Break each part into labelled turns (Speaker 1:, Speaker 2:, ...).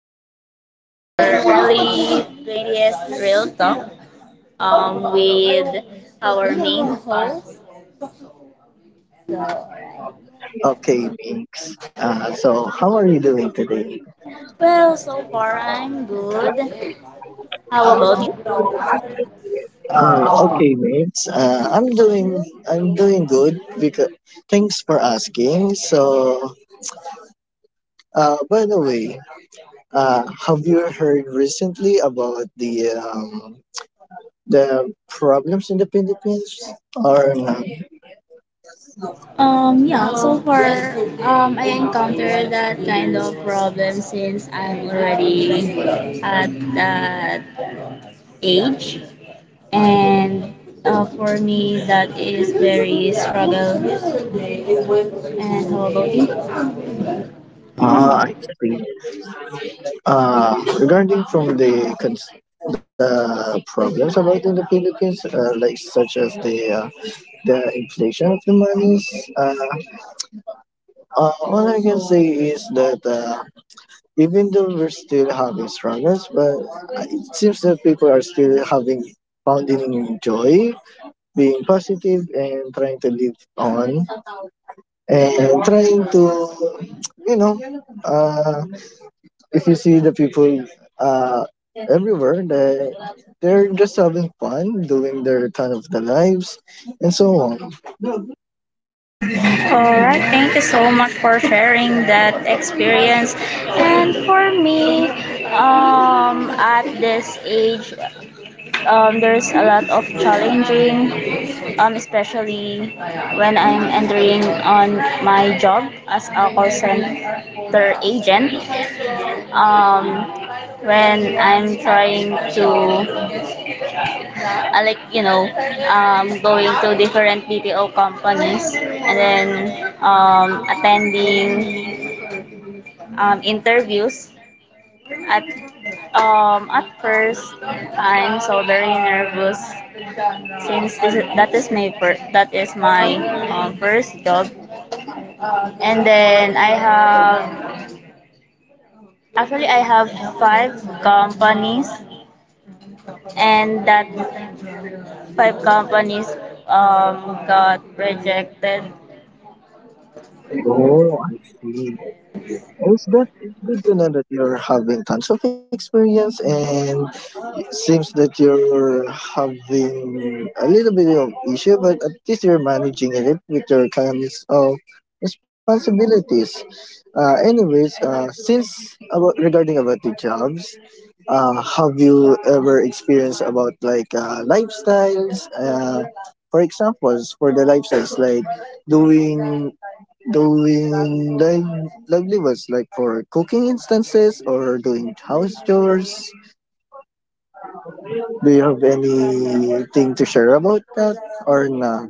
Speaker 1: regarding to our early 20th real talk with our main host.
Speaker 2: Okay, Mix. How are you doing today?
Speaker 1: Well, so far I'm good. How about you?
Speaker 2: Okay, Mix. I'm doing good because thanks for asking. So, by the way, have you heard recently about the problems in the Philippines are not.
Speaker 1: Yeah, so far, I encountered that kind of problem since I'm already at that age. And For me that is very struggle, and how about you?
Speaker 2: Ah, I see. uh, Regarding from the problems about in the Philippines, like such as the inflation of the monies. Uh, all I can say is that even though we're still having struggles, but it seems that people are still having finding joy, being positive, and trying to live on and trying to, you know, uh, if you see the people, uh, everywhere they're just having fun doing their kind of their lives and so on.
Speaker 1: All right, thank you so much for sharing that experience. And for me, at this age, there's a lot of challenging, especially when I'm entering on my job as a call center agent. Um, when I'm trying to I like, going to different BPO companies and then attending interviews. At at first, I'm so very nervous since this is, that is my first that is my first job. And then I have five companies, and that five companies got rejected.
Speaker 2: Oh, I see, it's good, it's good to know that you're having tons of experience, and seems that you're having a little bit of issue, but at least you're managing it with your kinds of responsibilities. Anyways, since about regarding about the jobs, have you ever experienced about like lifestyles? For examples, for the lifestyles like doing doing livelihoods like for cooking instances or doing house chores. Do you have anything to share about that or not?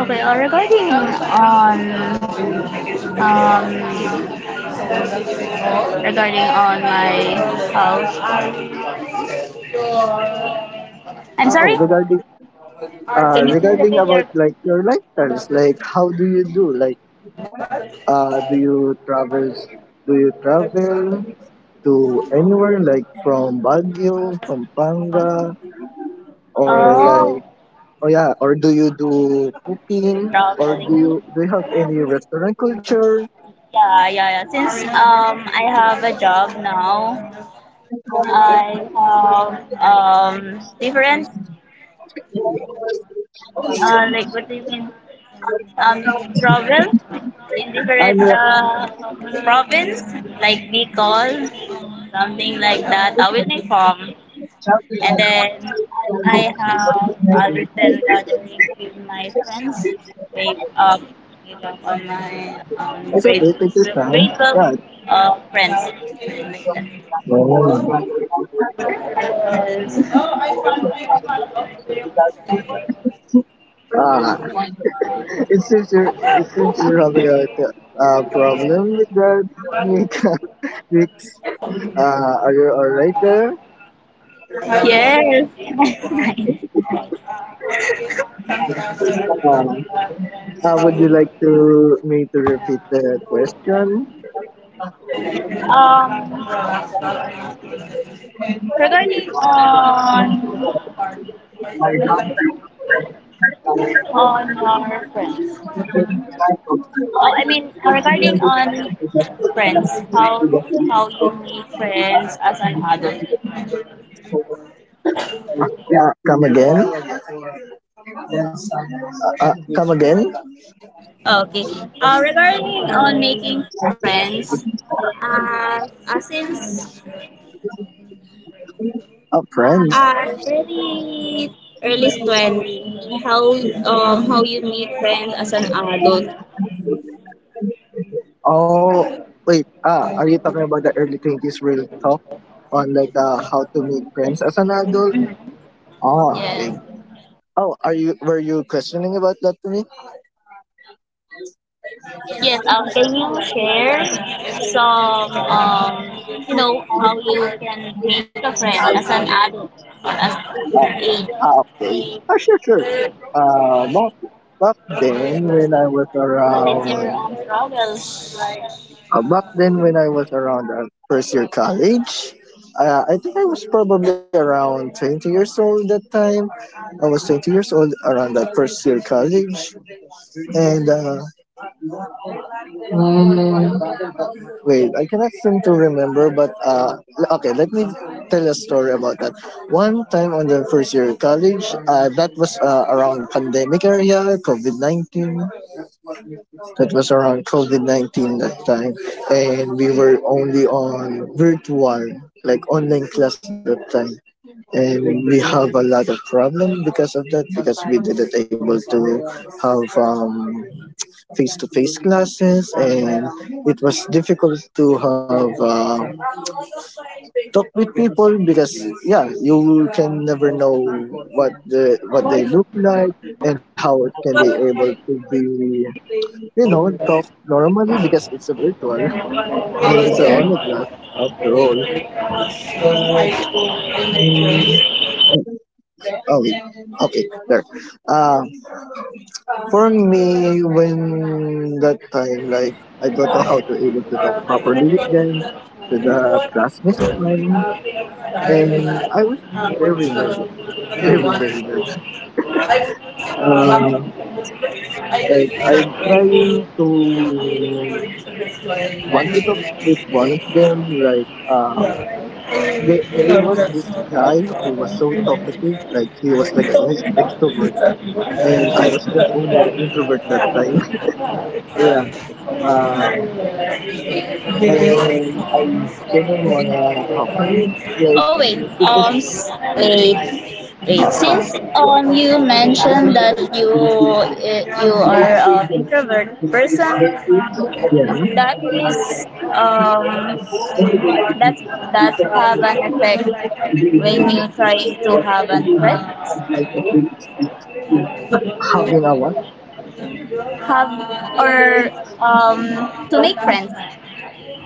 Speaker 1: Okay, regarding on um regarding on my house. I'm
Speaker 2: Oh,
Speaker 1: sorry?
Speaker 2: regarding,
Speaker 1: Can you
Speaker 2: regarding
Speaker 1: specifically
Speaker 2: about
Speaker 1: your
Speaker 2: like your lifestyles, like how do you do? Like do you travel, do you travel to anywhere like from Baguio, Pampanga, or like,
Speaker 1: Oh,
Speaker 2: oh yeah, or do you do cooking, or
Speaker 1: traveling?
Speaker 2: do you have any restaurant culture?
Speaker 1: Yeah, yeah, yeah. Since I have a job now, I have different like what do you mean um travel in different
Speaker 2: I'm
Speaker 1: province like Bicol, something like that. With my farm. And then I have a little gathering with my friends. We uh, we talk on my um,
Speaker 2: it's
Speaker 1: grade,
Speaker 2: okay, take your time.
Speaker 1: grade 12
Speaker 2: Right.
Speaker 1: friends.
Speaker 2: Oh. Ah. It seems you're having a, problem with the mic mix. Are you alright there?
Speaker 1: Yes. Yes.
Speaker 2: Um, would you like to me to repeat the question?
Speaker 1: Regarding on our friends. Oh, I mean regarding on friends. How you make friends as an adult.
Speaker 2: Come again? Come again?
Speaker 1: Okay. Regarding on making friends, since
Speaker 2: Oh, friends.
Speaker 1: at early 20, how you meet friends as an adult?
Speaker 2: Oh, wait. Ah, are you talking about the early 20s real talk on like how to make friends as an adult? Oh, okay.
Speaker 1: Yes.
Speaker 2: Oh, are you, were you questioning about that to me?
Speaker 1: Yes. Can you share some how you can make a friend as an adult or as your
Speaker 2: Uh,
Speaker 1: age?
Speaker 2: Ah, okay. Ah, sure, sure. Uh, back, back then when I was
Speaker 1: What is your
Speaker 2: around,
Speaker 1: struggle?
Speaker 2: back then when I was around first year college, I think I was probably around 20 years old that time. I was 20 years old around that first year college. And mm, wait, I cannot seem to remember, but okay, let me tell a story about that. One time on the first year of college, that was around pandemic area, COVID 19. That was around COVID 19 that time, and we were only on virtual, like online class that time, and we have a lot of problem because of that because we didn't able to have face to face classes, and it was difficult to have. Talk with people because yeah, you can never know what the what they look like and how can they able to be, you know, talk normally because it's a virtual and it's a online class after all. But mm, oh wait. Okay, there uh, for me when that time like, I don't know how to able to talk properly with them, to the classmates of mine, and I was very nervous, very nervous. Uh, like I try to want to talk with one of them. Like there was this guy who was so talkative. Like he was like an extrovert, and I was just only an introvert that time. Yeah. Um, and I didn't wanna talk to him.
Speaker 1: Oh
Speaker 2: Like
Speaker 1: wait,
Speaker 2: it was.
Speaker 1: um, s- wait, wait.
Speaker 2: Uh,
Speaker 1: Since you mentioned that
Speaker 2: uh,
Speaker 1: you are an introvert person, that is um that that have an effect when you try to have an friends
Speaker 2: Having a what?
Speaker 1: have or to make friends.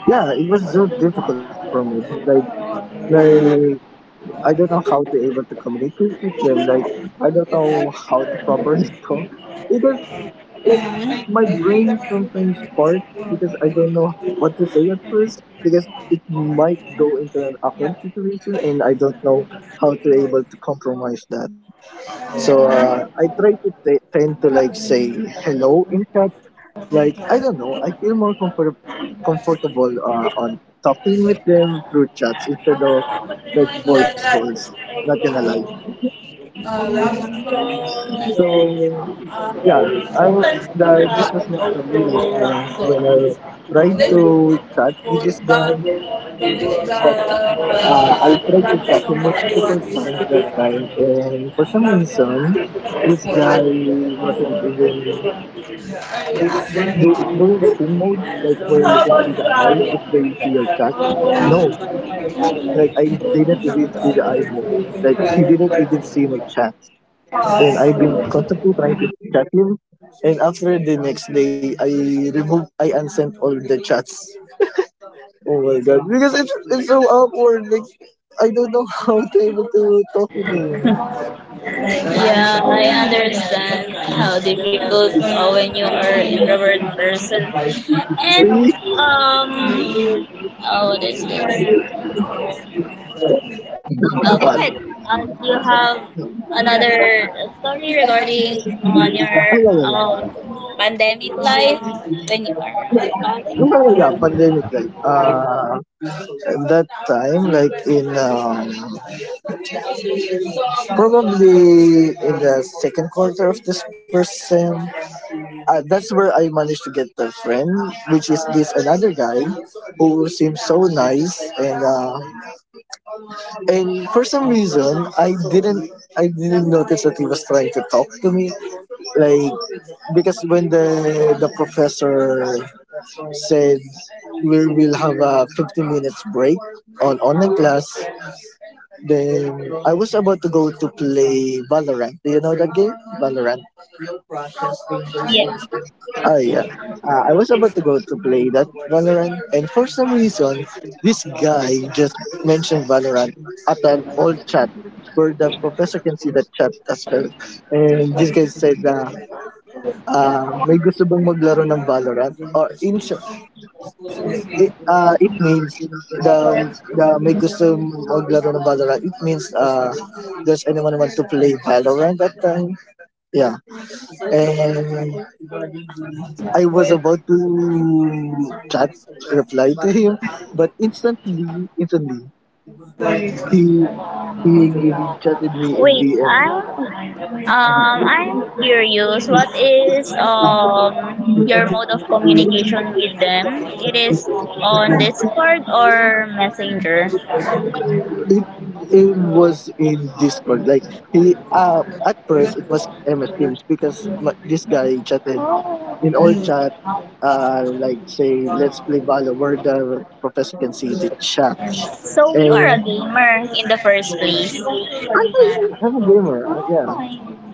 Speaker 2: Yeah, it was so difficult for me. Like, like, I don't know how to able to communicate with them. Like, I don't know how to properly talk. Like my brain sometimes farts because I don't know what to say at first because it might go into an awkward situation, and I don't know how to able to compromise that. So I try to tend to like say hello in chat. Like I don't know, I feel more comfortable on talking with them through chats instead of like voice calls. Not gonna lie. So yeah, I wa- the, this was not for me. Like when I tried
Speaker 1: Mhm.
Speaker 2: to chat with this guy,
Speaker 1: Yeah,
Speaker 2: but I tried to chat him multiple times that time, and for some reason, this guy wasn't even doing the steam mode, like where you can see the eye if they see your chat. No, like I didn't even see the eye mode. Like he didn't even see my chat, and I've been constantly trying to chat him. And after the next day, I unsent all the chats. Oh my god, because it's so awkward. Like I don't know how to able to talk with him.
Speaker 1: I understand how difficult when you are introvert person. And
Speaker 2: See,
Speaker 1: um, oh, this is. Go ahead.
Speaker 2: but
Speaker 1: Do you have another story regarding on your
Speaker 2: ay, ay, ay.
Speaker 1: pandemic life when you are?
Speaker 2: Nung yeah, pandemic like at that time like in um, probably in the second quarter of this person, that's where I managed to get a friend, which is this another guy who seems so nice, and for some reason I didn't, I didn't notice that he was trying to talk to me, like because when the professor said we will have a 15 minutes break on online class, then I was about to go to play Valorant. Do you know that game? Valorant. Oh yeah. I was about to go to play that Valorant, and for some reason, this guy just mentioned Valorant at an old chat where the professor can see the chat as well. And this guy said na may gusto bang maglaro ng Valorant? Or in short, it, it means the the may gusto maglaro ng Valorant. It means does anyone want to play Valorant that time? Yeah. And I was about to chat, reply to him, but instantly, he he chatted me in
Speaker 1: Wait, I'm
Speaker 2: DM.
Speaker 1: um I'm curious. What is your mode of communication with them? It is on Discord or Messenger?
Speaker 2: It, it was in Discord. Like he, at first it was MS Teams because ma- this guy chatted in
Speaker 1: Oh,
Speaker 2: all chat. Like say, let's play Valor where the professor can see the chat.
Speaker 1: so you are
Speaker 2: And
Speaker 1: a gamer in the first place.
Speaker 2: I'm a gamer. Yeah,
Speaker 1: Oh.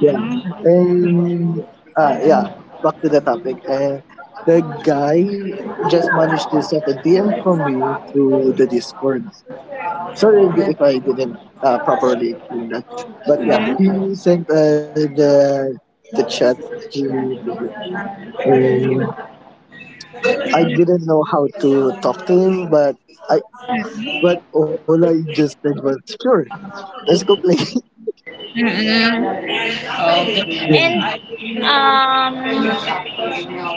Speaker 2: yeah. And yeah. Back to the topic. And the guy just managed to set a DM from me through the Discord. Sorry if I didn't properly explain that. But yeah, he
Speaker 1: Mm-mm.
Speaker 2: sent the chat to the group. And I didn't know how to talk to him, but I but all I just said was sure, let's go play.
Speaker 1: Mm-mm. And um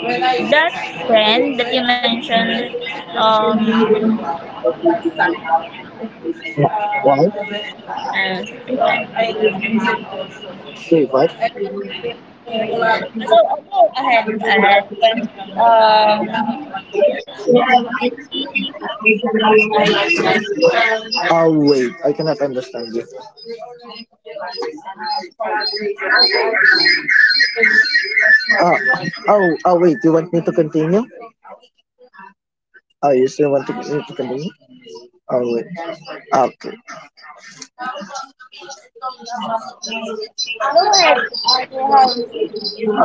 Speaker 1: that friend that you mentioned um
Speaker 2: Yeah. Why?
Speaker 1: uh,
Speaker 2: Wait, what?
Speaker 1: So I know I had but um,
Speaker 2: Oh wait, I cannot understand you. Oh, oh wait, you want me to continue? Oh, you still want to, me to continue? Oh wait, ah, okay,
Speaker 1: no, I had to have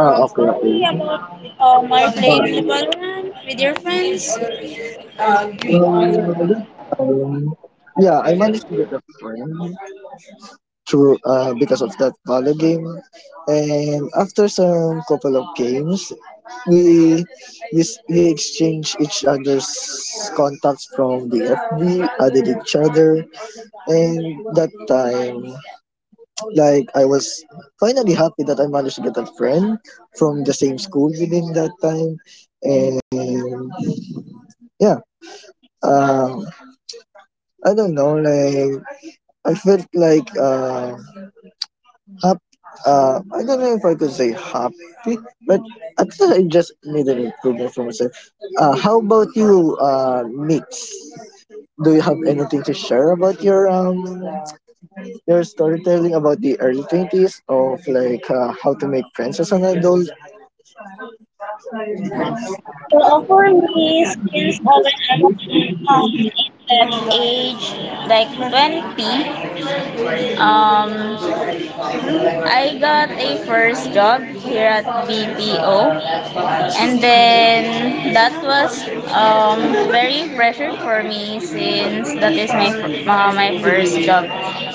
Speaker 2: ah okay,
Speaker 1: tell
Speaker 2: okay.
Speaker 1: me about my playing the
Speaker 2: Alright.
Speaker 1: Valorant with your friends. So
Speaker 2: Um, yeah, I managed to get a friend through because of that Valo game, and after some couple of games, we we exchange each other's contacts from the FB, added each other, and that time, like I was finally happy that I managed to get a friend from the same school within that time, and yeah, um, I don't know, like. I felt like hap- I don't know if I could say happy, but at least I just made an improvement for myself. How about you, Mix? Do you have anything to share about your um, your storytelling about the early 20s of like how to make friends as an adult?
Speaker 1: offer me skins of when I was in that age like 20. I got a first job here at BPO, and then that was um, very pressured for me since that is my first job.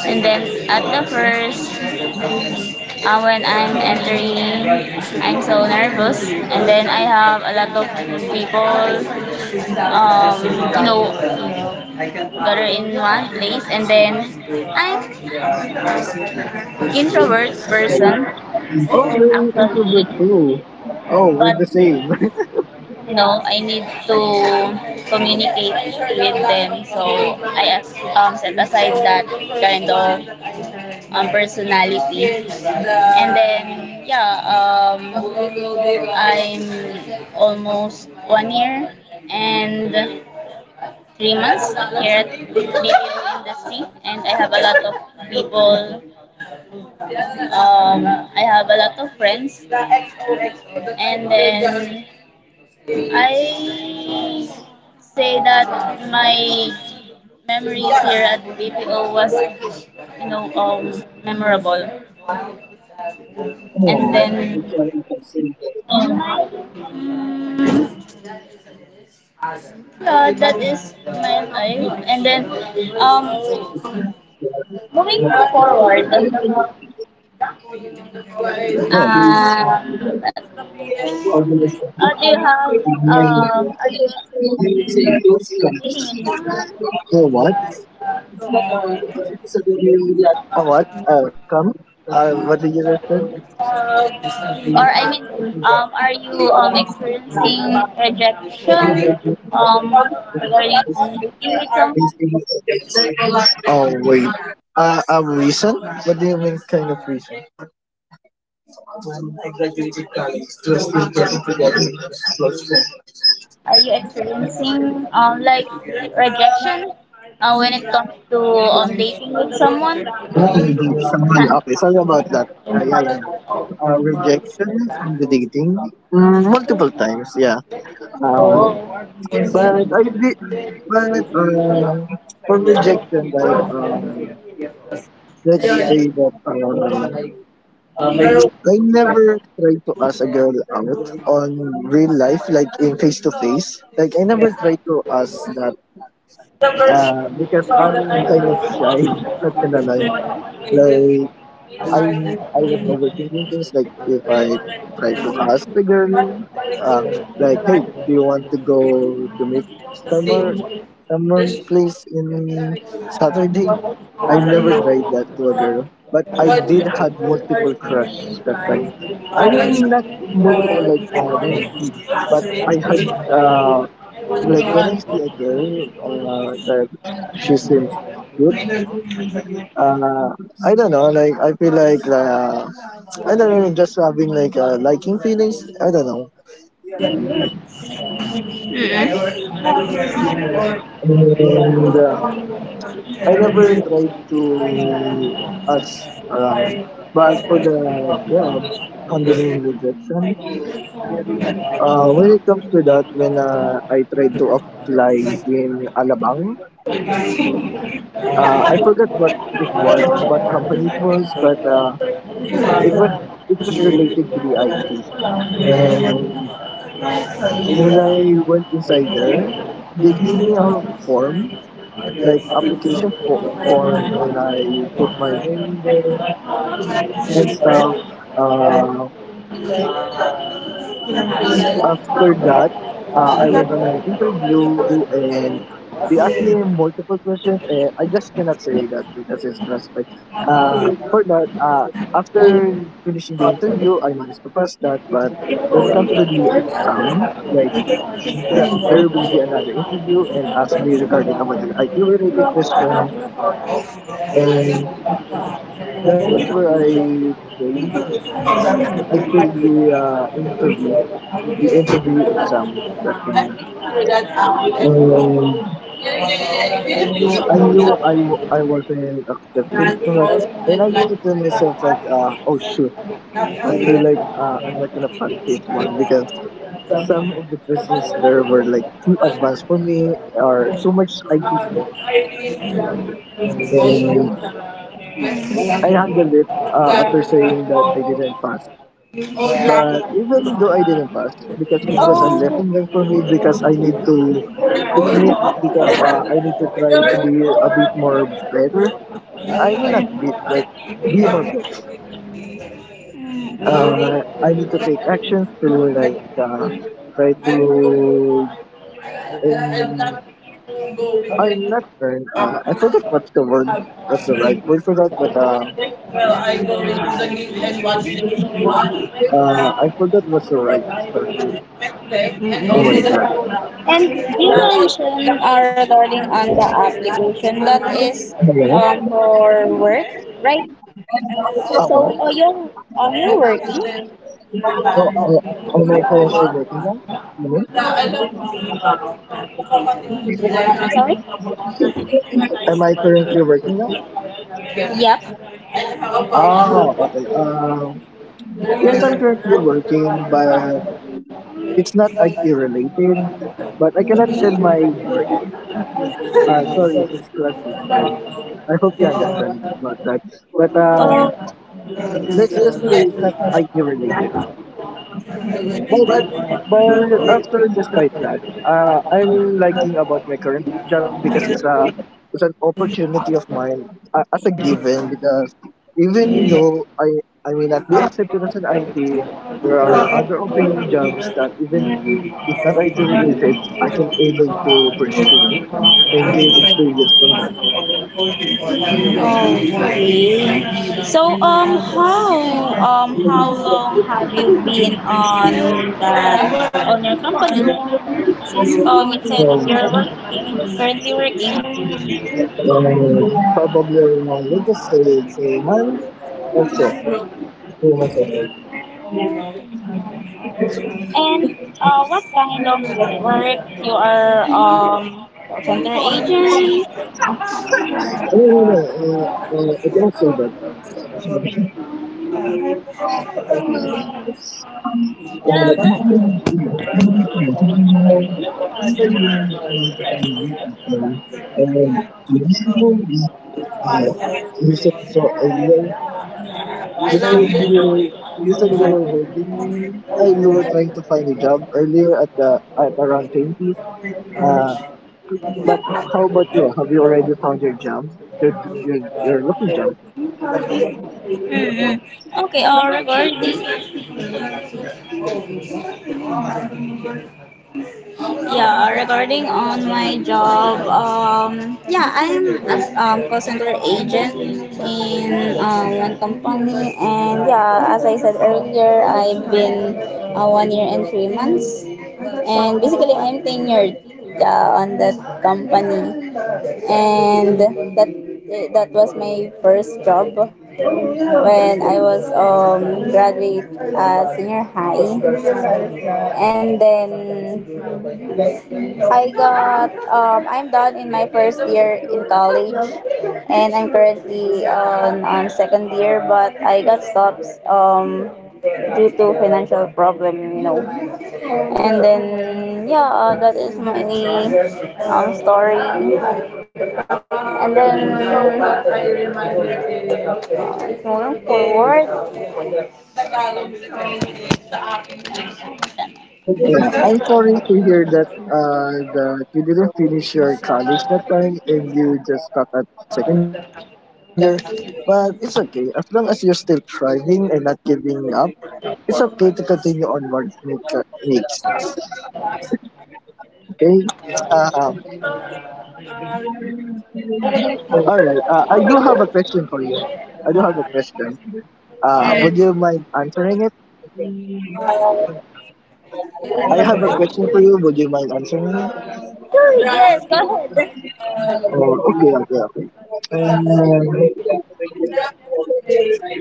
Speaker 1: And then at the first When I'm entering I'm so nervous, and then I have a lot of people um, you know gather in one place, and then I'm introvert person
Speaker 2: Oh, you're an
Speaker 1: actually,
Speaker 2: introvert too. Oh, we're
Speaker 1: but
Speaker 2: the same.
Speaker 1: since you know I need to communicate with them, so I set aside that kind of personality, and then yeah, I'm almost 1 year and 3 months here at BPO industry, and I have a lot of people. Um, I have a lot of friends, and then I say that my memories here at BPO was, you know, memorable. And then in my mm, yeah, that is my life. And then um, moving forward, Um, that's the
Speaker 2: Okay.
Speaker 1: Do you have, are you experiencing dating with
Speaker 2: You
Speaker 1: someone?
Speaker 2: know what? A what? Come? What did you just say?
Speaker 1: Or, I mean, are you experiencing rejection um, regarding dating with someone?
Speaker 2: Oh, wait. A reason? What do you mean kind of reason?
Speaker 1: Are you experiencing like rejection when it comes to dating with someone?
Speaker 2: Someone, okay, sorry about that. Yeah, yeah, yeah. Rejection from the dating? Mm, multiple times, yeah. Uh, but I did, but uh, for rejection, like, let's say that, I never tried to ask a girl out on real life, like in face to face. Like I never tried to ask that, because I'm kind of shy. Not gonna lie, like I was overthinking things like if I try to ask the girl, uh, like, hey, do you want to go to meet somewhere, somewhere place in Saturday? I never tried that to a girl, but I did had multiple crush that time. I mean, not multiple like in a one, but I had uh, like when I see a girl that she seems cute, uh, I don't know. Like I feel like I don't know, just having like liking feelings. I don't know.
Speaker 1: Mm-mm.
Speaker 2: And I never tried to ask around. But for the job handling rejection, when it comes to that, when I tried to apply in Alabang, I forgot what it was, what company it was, but it was it was related to the IT and. When I went inside there, they gave me a form, like form, and I put my name there and stuff. Uh, After that, I went on an interview and they asked me multiple questions and I just cannot say that because it's classified. Uh, for that, after finishing the interview, I managed to pass that. But when it comes to the exam, like there will be another interview and ask me regarding about the IT related questions and that's where I failed. I failed the interview, the interview exam that
Speaker 1: I
Speaker 2: time.
Speaker 1: think that app, I
Speaker 2: And I
Speaker 1: yeah,
Speaker 2: knew I wasn't really accepted for that. And I gave it
Speaker 1: like
Speaker 2: to myself like, oh shoot, I feel like I'm not gonna pass this one because some of the questions there were like too advanced for me or too much IT stuff.
Speaker 1: like
Speaker 2: And I handled it after saying that I didn't pass. But even though I didn't pass, because it was a
Speaker 1: Oh,
Speaker 2: lesson learned for me, because I need to admit, because I need to try to be a bit more better. I mean, not bit, like, be more better. I need to take actions to, like, try to
Speaker 1: as long
Speaker 2: earn,
Speaker 1: as go with
Speaker 2: or
Speaker 1: me,
Speaker 2: not earn,
Speaker 1: I'm,
Speaker 2: I forgot
Speaker 1: I
Speaker 2: what's the word, what's the right word for that, but,
Speaker 1: well, I go into the game and watch the
Speaker 2: I forgot what's the right for me.
Speaker 1: and
Speaker 2: Oh my god.
Speaker 1: and you
Speaker 2: But
Speaker 1: mentioned regarding on the application that is
Speaker 2: hello.
Speaker 1: for work, right?
Speaker 2: Oh
Speaker 1: So
Speaker 2: what?
Speaker 1: you're only working?
Speaker 2: Oh,
Speaker 1: Oh.
Speaker 2: oh, am I currently working now? You mean?
Speaker 1: Yeah, Sorry?
Speaker 2: Am I currently working now?
Speaker 1: Yep.
Speaker 2: Ah, okay. Yes, I'm currently working, but it's not IT related. But I cannot tell my work. Sorry, it's Clarkson. Like, I hope you understand about that. But let's just say it's not IT related. But but after despite that, I'm liking about my current job because it's an opportunity of mine as a given because even though I may not be accepted as an IT, there are other open jobs that even if not IT related, I can able to pursue and gain experience from that.
Speaker 1: So how long have you been on that on your company? Since you said that you're
Speaker 2: Um,
Speaker 1: working currently working.
Speaker 2: probably around, let's just say it's a month or so. 3 months or so.
Speaker 1: And what kind of work you are center agent?
Speaker 2: I don't know, I cannot say that. Sorry.
Speaker 1: Well, that,
Speaker 2: So this is all, you said so, You said you were you said you were working. You were trying to find a job earlier at the at around 20. Uh, but how about you? Have you already found your job? Your your your looking job?
Speaker 1: Mm-hmm. Okay, regarding Yeah, regarding on my job, yeah, I'm a call center agent in one company, and yeah, as I said earlier, I've been 1 year and 3 months, and basically I'm tenured on that company, and that that was my first job when I was graduate senior high, and then I got I'm done in my first year in college, and I'm currently on second year, but I got stopped due to financial problem, you know. And then yeah, that is my story. And then it's moving forward.
Speaker 2: Yeah, I'm sorry to hear that that you didn't finish your college that time and you just stopped at second year. But it's okay. As long as you're still thriving and not giving up, it's okay to continue onward, Nick. Nick. Okay. Um, all right. I do have a question for you. I do have a question. Would you mind answering it? I have a question for you. Would you mind answering it?
Speaker 1: Sure, yes, go ahead.
Speaker 2: Oh, okay, okay, okay. Um,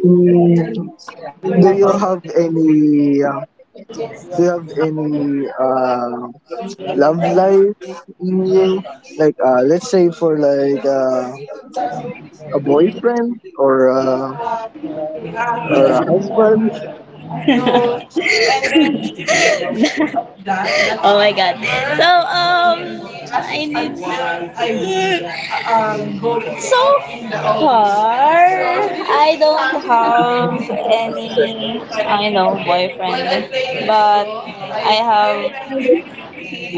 Speaker 2: mm, do you have any? Do you have any love life in you? Like, let's say for like a boyfriend or uh, or a husband.
Speaker 1: Oh my god. So I need um so far I don't have any I know boyfriend, but
Speaker 2: Oh.
Speaker 1: I have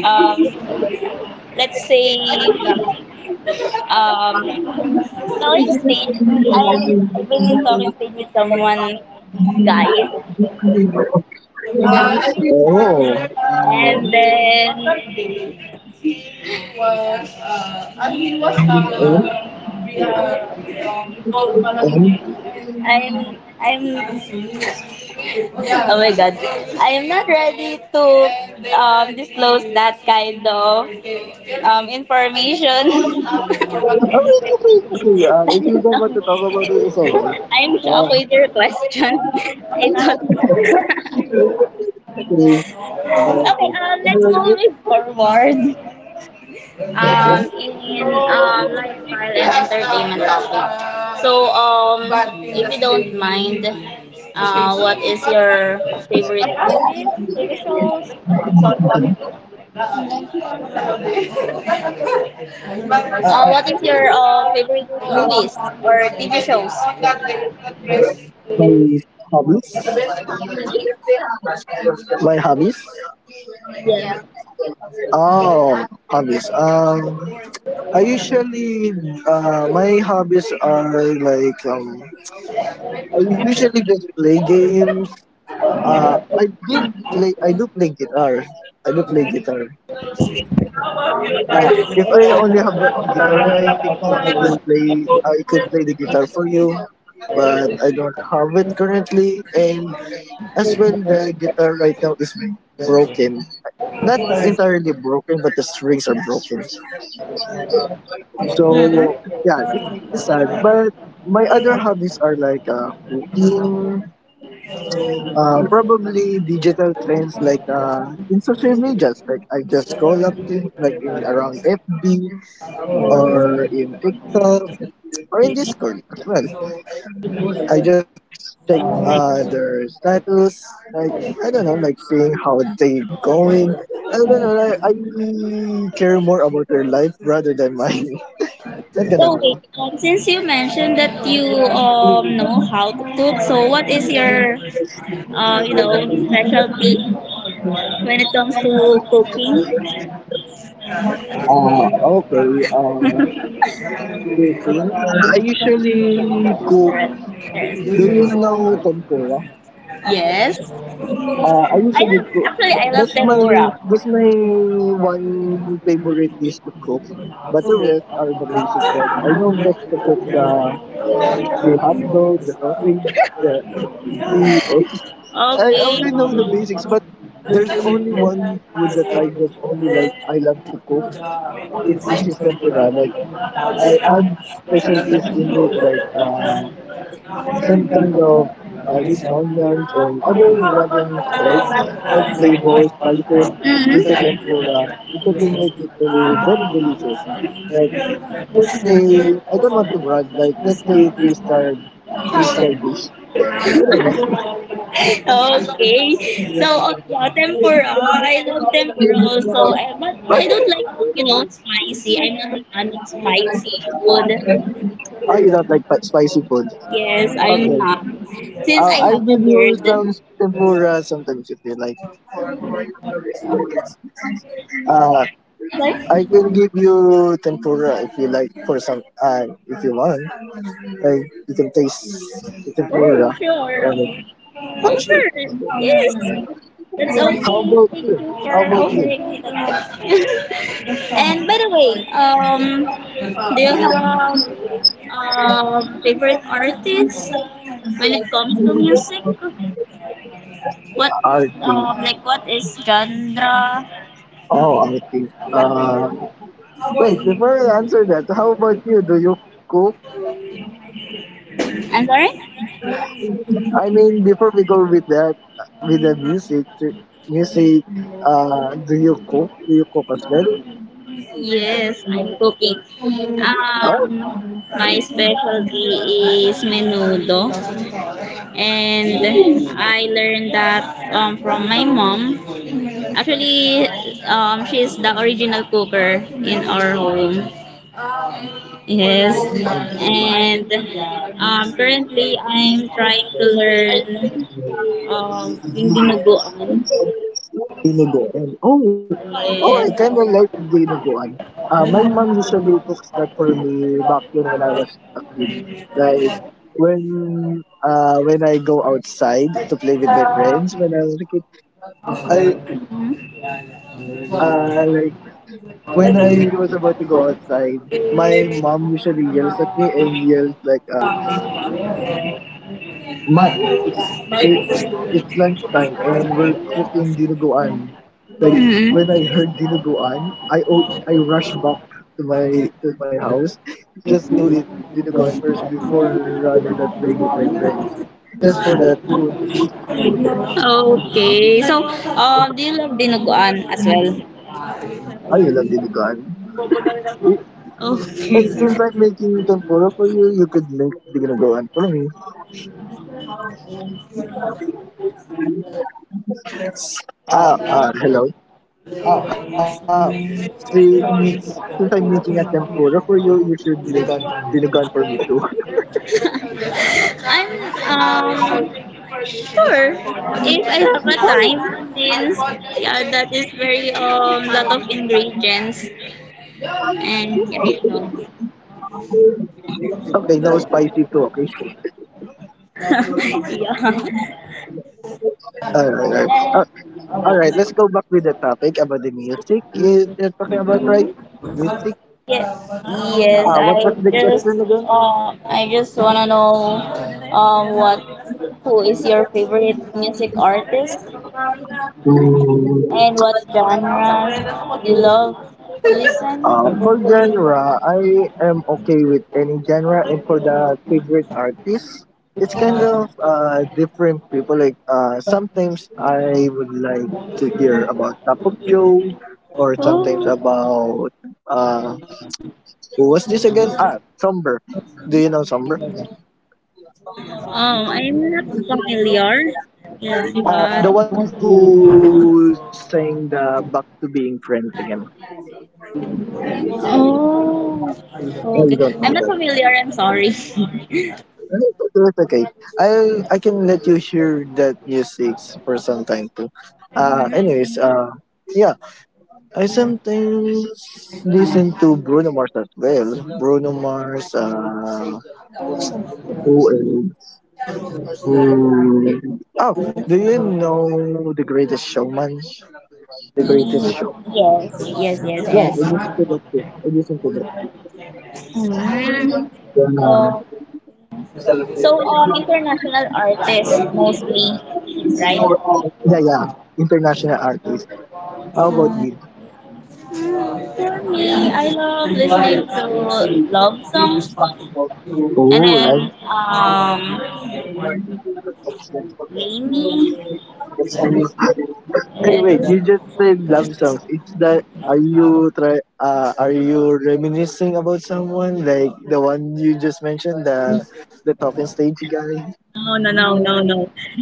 Speaker 1: um let's say um touring stage. I've been in touring stage with someone guy, and then was, and he was, via, called
Speaker 2: And,
Speaker 1: Malabigay.
Speaker 2: and,
Speaker 1: I'm oh my god. I am not ready to disclose that kind of information.
Speaker 2: oh, it's okay, it's okay. If you don't want to talk about it, it's alright.
Speaker 1: I'm shocked
Speaker 2: Uh,
Speaker 1: with your question. I don't
Speaker 2: okay. Uh,
Speaker 1: Okay, let's move it forward.
Speaker 2: okay.
Speaker 1: Um, in lifestyle and entertainment topic. So, if you don't mind, what is your favorite movie? What is your favorite movies or TV shows?
Speaker 2: My hobbies. My hobbies.
Speaker 1: Yeah.
Speaker 2: Oh, hobbies. I usually my hobbies are like I usually just play games. I did play. I do play guitar. I do play guitar. Uh, if I only have a guitar right now, I could play. I could play the guitar for you, but I don't have it currently, and as well, the guitar right now is broken. Not entirely broken, but the strings are broken. So,
Speaker 1: Hmm.
Speaker 2: yeah, it's sad. But my other hobbies are like cooking, probably digital trends like in social media. Like I just call up things like in around FB or in TikTok or in Discord as well. I just check their status, like I don't know, like seeing how they going. I don't know, like, I care more about their life rather than mine. Not gonna
Speaker 1: So wait,
Speaker 2: lie.
Speaker 1: since you mentioned that you know how to cook, so what is your specialty when it comes to cooking?
Speaker 2: Uh, okay. Uh, cooking. I
Speaker 1: Yes,
Speaker 2: usually
Speaker 1: that's
Speaker 2: cook.
Speaker 1: correct.
Speaker 2: Do you know tempura?
Speaker 1: Yes. Yes.
Speaker 2: I
Speaker 1: I
Speaker 2: usually
Speaker 1: love
Speaker 2: cook.
Speaker 1: actually I love
Speaker 2: That's my
Speaker 1: tempura.
Speaker 2: that's my one favorite dish to cook. But the rest are the basics. Like I know just to cook. You have to know the topics, the- ex- I
Speaker 1: Okay.
Speaker 2: only know the basics, but there's only one food that I just only like. I love to cook. It's sushi tempura. Like I add specialties in it, like some kind of garlic onions and other random salt that flavors spices into them for into to make it very, very delicious. Like let's say I don't want to brag, like let's say three-star dish. I don't know.
Speaker 1: Mm-hmm. Okay. So yeah, tempura. I love tempura also, eh, but
Speaker 2: What?
Speaker 1: I don't like you know spicy. I'm not a fan of spicy food.
Speaker 2: Oh, you don't like spicy food?
Speaker 1: Yes, I'm
Speaker 2: Okay.
Speaker 1: not. Since I
Speaker 2: I'll
Speaker 1: have a
Speaker 2: give you
Speaker 1: bird.
Speaker 2: some tempura sometimes if you like. Uh,
Speaker 1: But
Speaker 2: I can give you tempura if you like for some if you want. Like you can taste, you can play the ramen. Oh, sure.
Speaker 1: over. Yes, that's
Speaker 2: How
Speaker 1: okay.
Speaker 2: about
Speaker 1: Thank you
Speaker 2: you?
Speaker 1: for
Speaker 2: How about you?
Speaker 1: offering up. And by the way, do you have favorite artists when it comes to music? What
Speaker 2: Arty.
Speaker 1: Like what is genre?
Speaker 2: Oh, arty. Uh, wait, before I answer that, how about you? Do you cook?
Speaker 1: I'm sorry?
Speaker 2: I mean, before we go with that, with the music, music. Do you cook? Do you cook as well?
Speaker 1: Yes, I'm cooking.
Speaker 2: Oh,
Speaker 1: Um, my specialty is menudo,
Speaker 2: really?
Speaker 1: and I learned that from my mom. Actually, she's the original cooker in our home. Yes,
Speaker 2: Oh, I see.
Speaker 1: and currently I'm trying to learn cooking dinuguan.
Speaker 2: Dinuguan. Oh, oh, I kind
Speaker 1: Yes.
Speaker 2: of like dinuguan. My mom usually
Speaker 1: Mm.
Speaker 2: cooks that for me back then when I was a kid. Like when I go outside to play with my friends when I was a kid, I like when I was about to go outside, my mom usually yells at me and yells like But it's it it's lunchtime and we're cooking dinuguan. Like when I heard dinuguan, I rushed back to my house just to eat dinuguan first before rather than playing with my friends. Just for that food,
Speaker 1: Okay. So, do you love dinuguan as well?
Speaker 2: I love dinuguan. It, hey, since I'm
Speaker 1: Okay.
Speaker 2: making tempura for you, you could make dinuguan for me. Ah, ah, hello. Ah, since since I'm making a tempura for you, you should make dinuguan for me too.
Speaker 1: I'm um sure if I have a time, since yeah that is very lot of ingredients, and yeah you know
Speaker 2: Okay, no spicy too. Okay.
Speaker 1: yeah.
Speaker 2: All right, all right. All right, let's go back with the topic about the music. You're talking about, right? Music.
Speaker 1: Yes, yes.
Speaker 2: What was the
Speaker 1: Just,
Speaker 2: question again?
Speaker 1: I just wanna know, what, who is your favorite music artist,
Speaker 2: Mm,
Speaker 1: and what genres you love to
Speaker 2: For
Speaker 1: listen
Speaker 2: genre, I am okay with any genre, and for the favorite artist, it's kind of different people. Like sometimes I would like to hear about Cup of Joe, or sometimes
Speaker 1: to?
Speaker 2: about uh who was this again? Ah, Somber. Do you know Somber?
Speaker 1: I'm not familiar with
Speaker 2: The
Speaker 1: that.
Speaker 2: one who sang the Back to Being Friends again.
Speaker 1: Oh,
Speaker 2: I don't know
Speaker 1: okay.
Speaker 2: that.
Speaker 1: I'm not familiar. I'm sorry.
Speaker 2: No, it's okay. Okay. I I can let you hear that music for some time too. Uh,
Speaker 1: Mhm.
Speaker 2: anyways, uh, yeah, I sometimes listen to Bruno Mars as well. Bruno Mars, who else? Who? Oh, do you know The Greatest Showman? The
Speaker 1: Ye-
Speaker 2: Greatest Show.
Speaker 1: Yes, yes, yes,
Speaker 2: Yeah, I
Speaker 1: yes.
Speaker 2: listen to that too. I listen to that.
Speaker 1: Mm.
Speaker 2: Uh,
Speaker 1: Oh. So, international artists mostly, right?
Speaker 2: yeah, yeah. International artist. How about you?
Speaker 1: Mm, for me, I love listening to love songs, and
Speaker 2: Oh, love.
Speaker 1: then Lainey
Speaker 2: Hey, wait!
Speaker 1: is
Speaker 2: You just said love songs. It's that. Are you try? Are you reminiscing about someone like the one you just mentioned, the talking stage guy?
Speaker 1: no, no, no, no, no.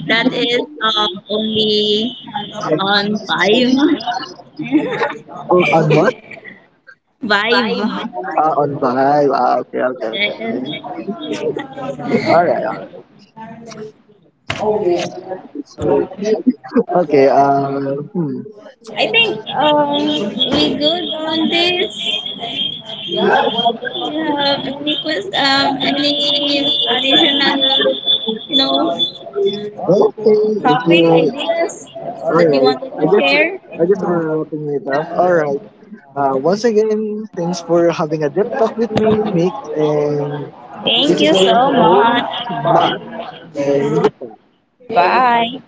Speaker 1: That is only on five.
Speaker 2: Oh, on what?
Speaker 1: Vibe.
Speaker 2: Ah, on vibe. Ah, okay, okay, okay, okay.
Speaker 1: Yes.
Speaker 2: All right, all right. Okay. Hmm.
Speaker 1: I think we good on this. Do you have any any additional, you know,
Speaker 2: Okay. If
Speaker 1: topic
Speaker 2: you
Speaker 1: ideas
Speaker 2: all
Speaker 1: that you
Speaker 2: right.
Speaker 1: wanted to share?
Speaker 2: I just were wrapping it up. All right. Once again, thanks for having a deep talk with me, Nick, and It
Speaker 1: Thank
Speaker 2: is
Speaker 1: you
Speaker 2: is your
Speaker 1: so much.
Speaker 2: host, Mark, and goodbye.
Speaker 1: Bye.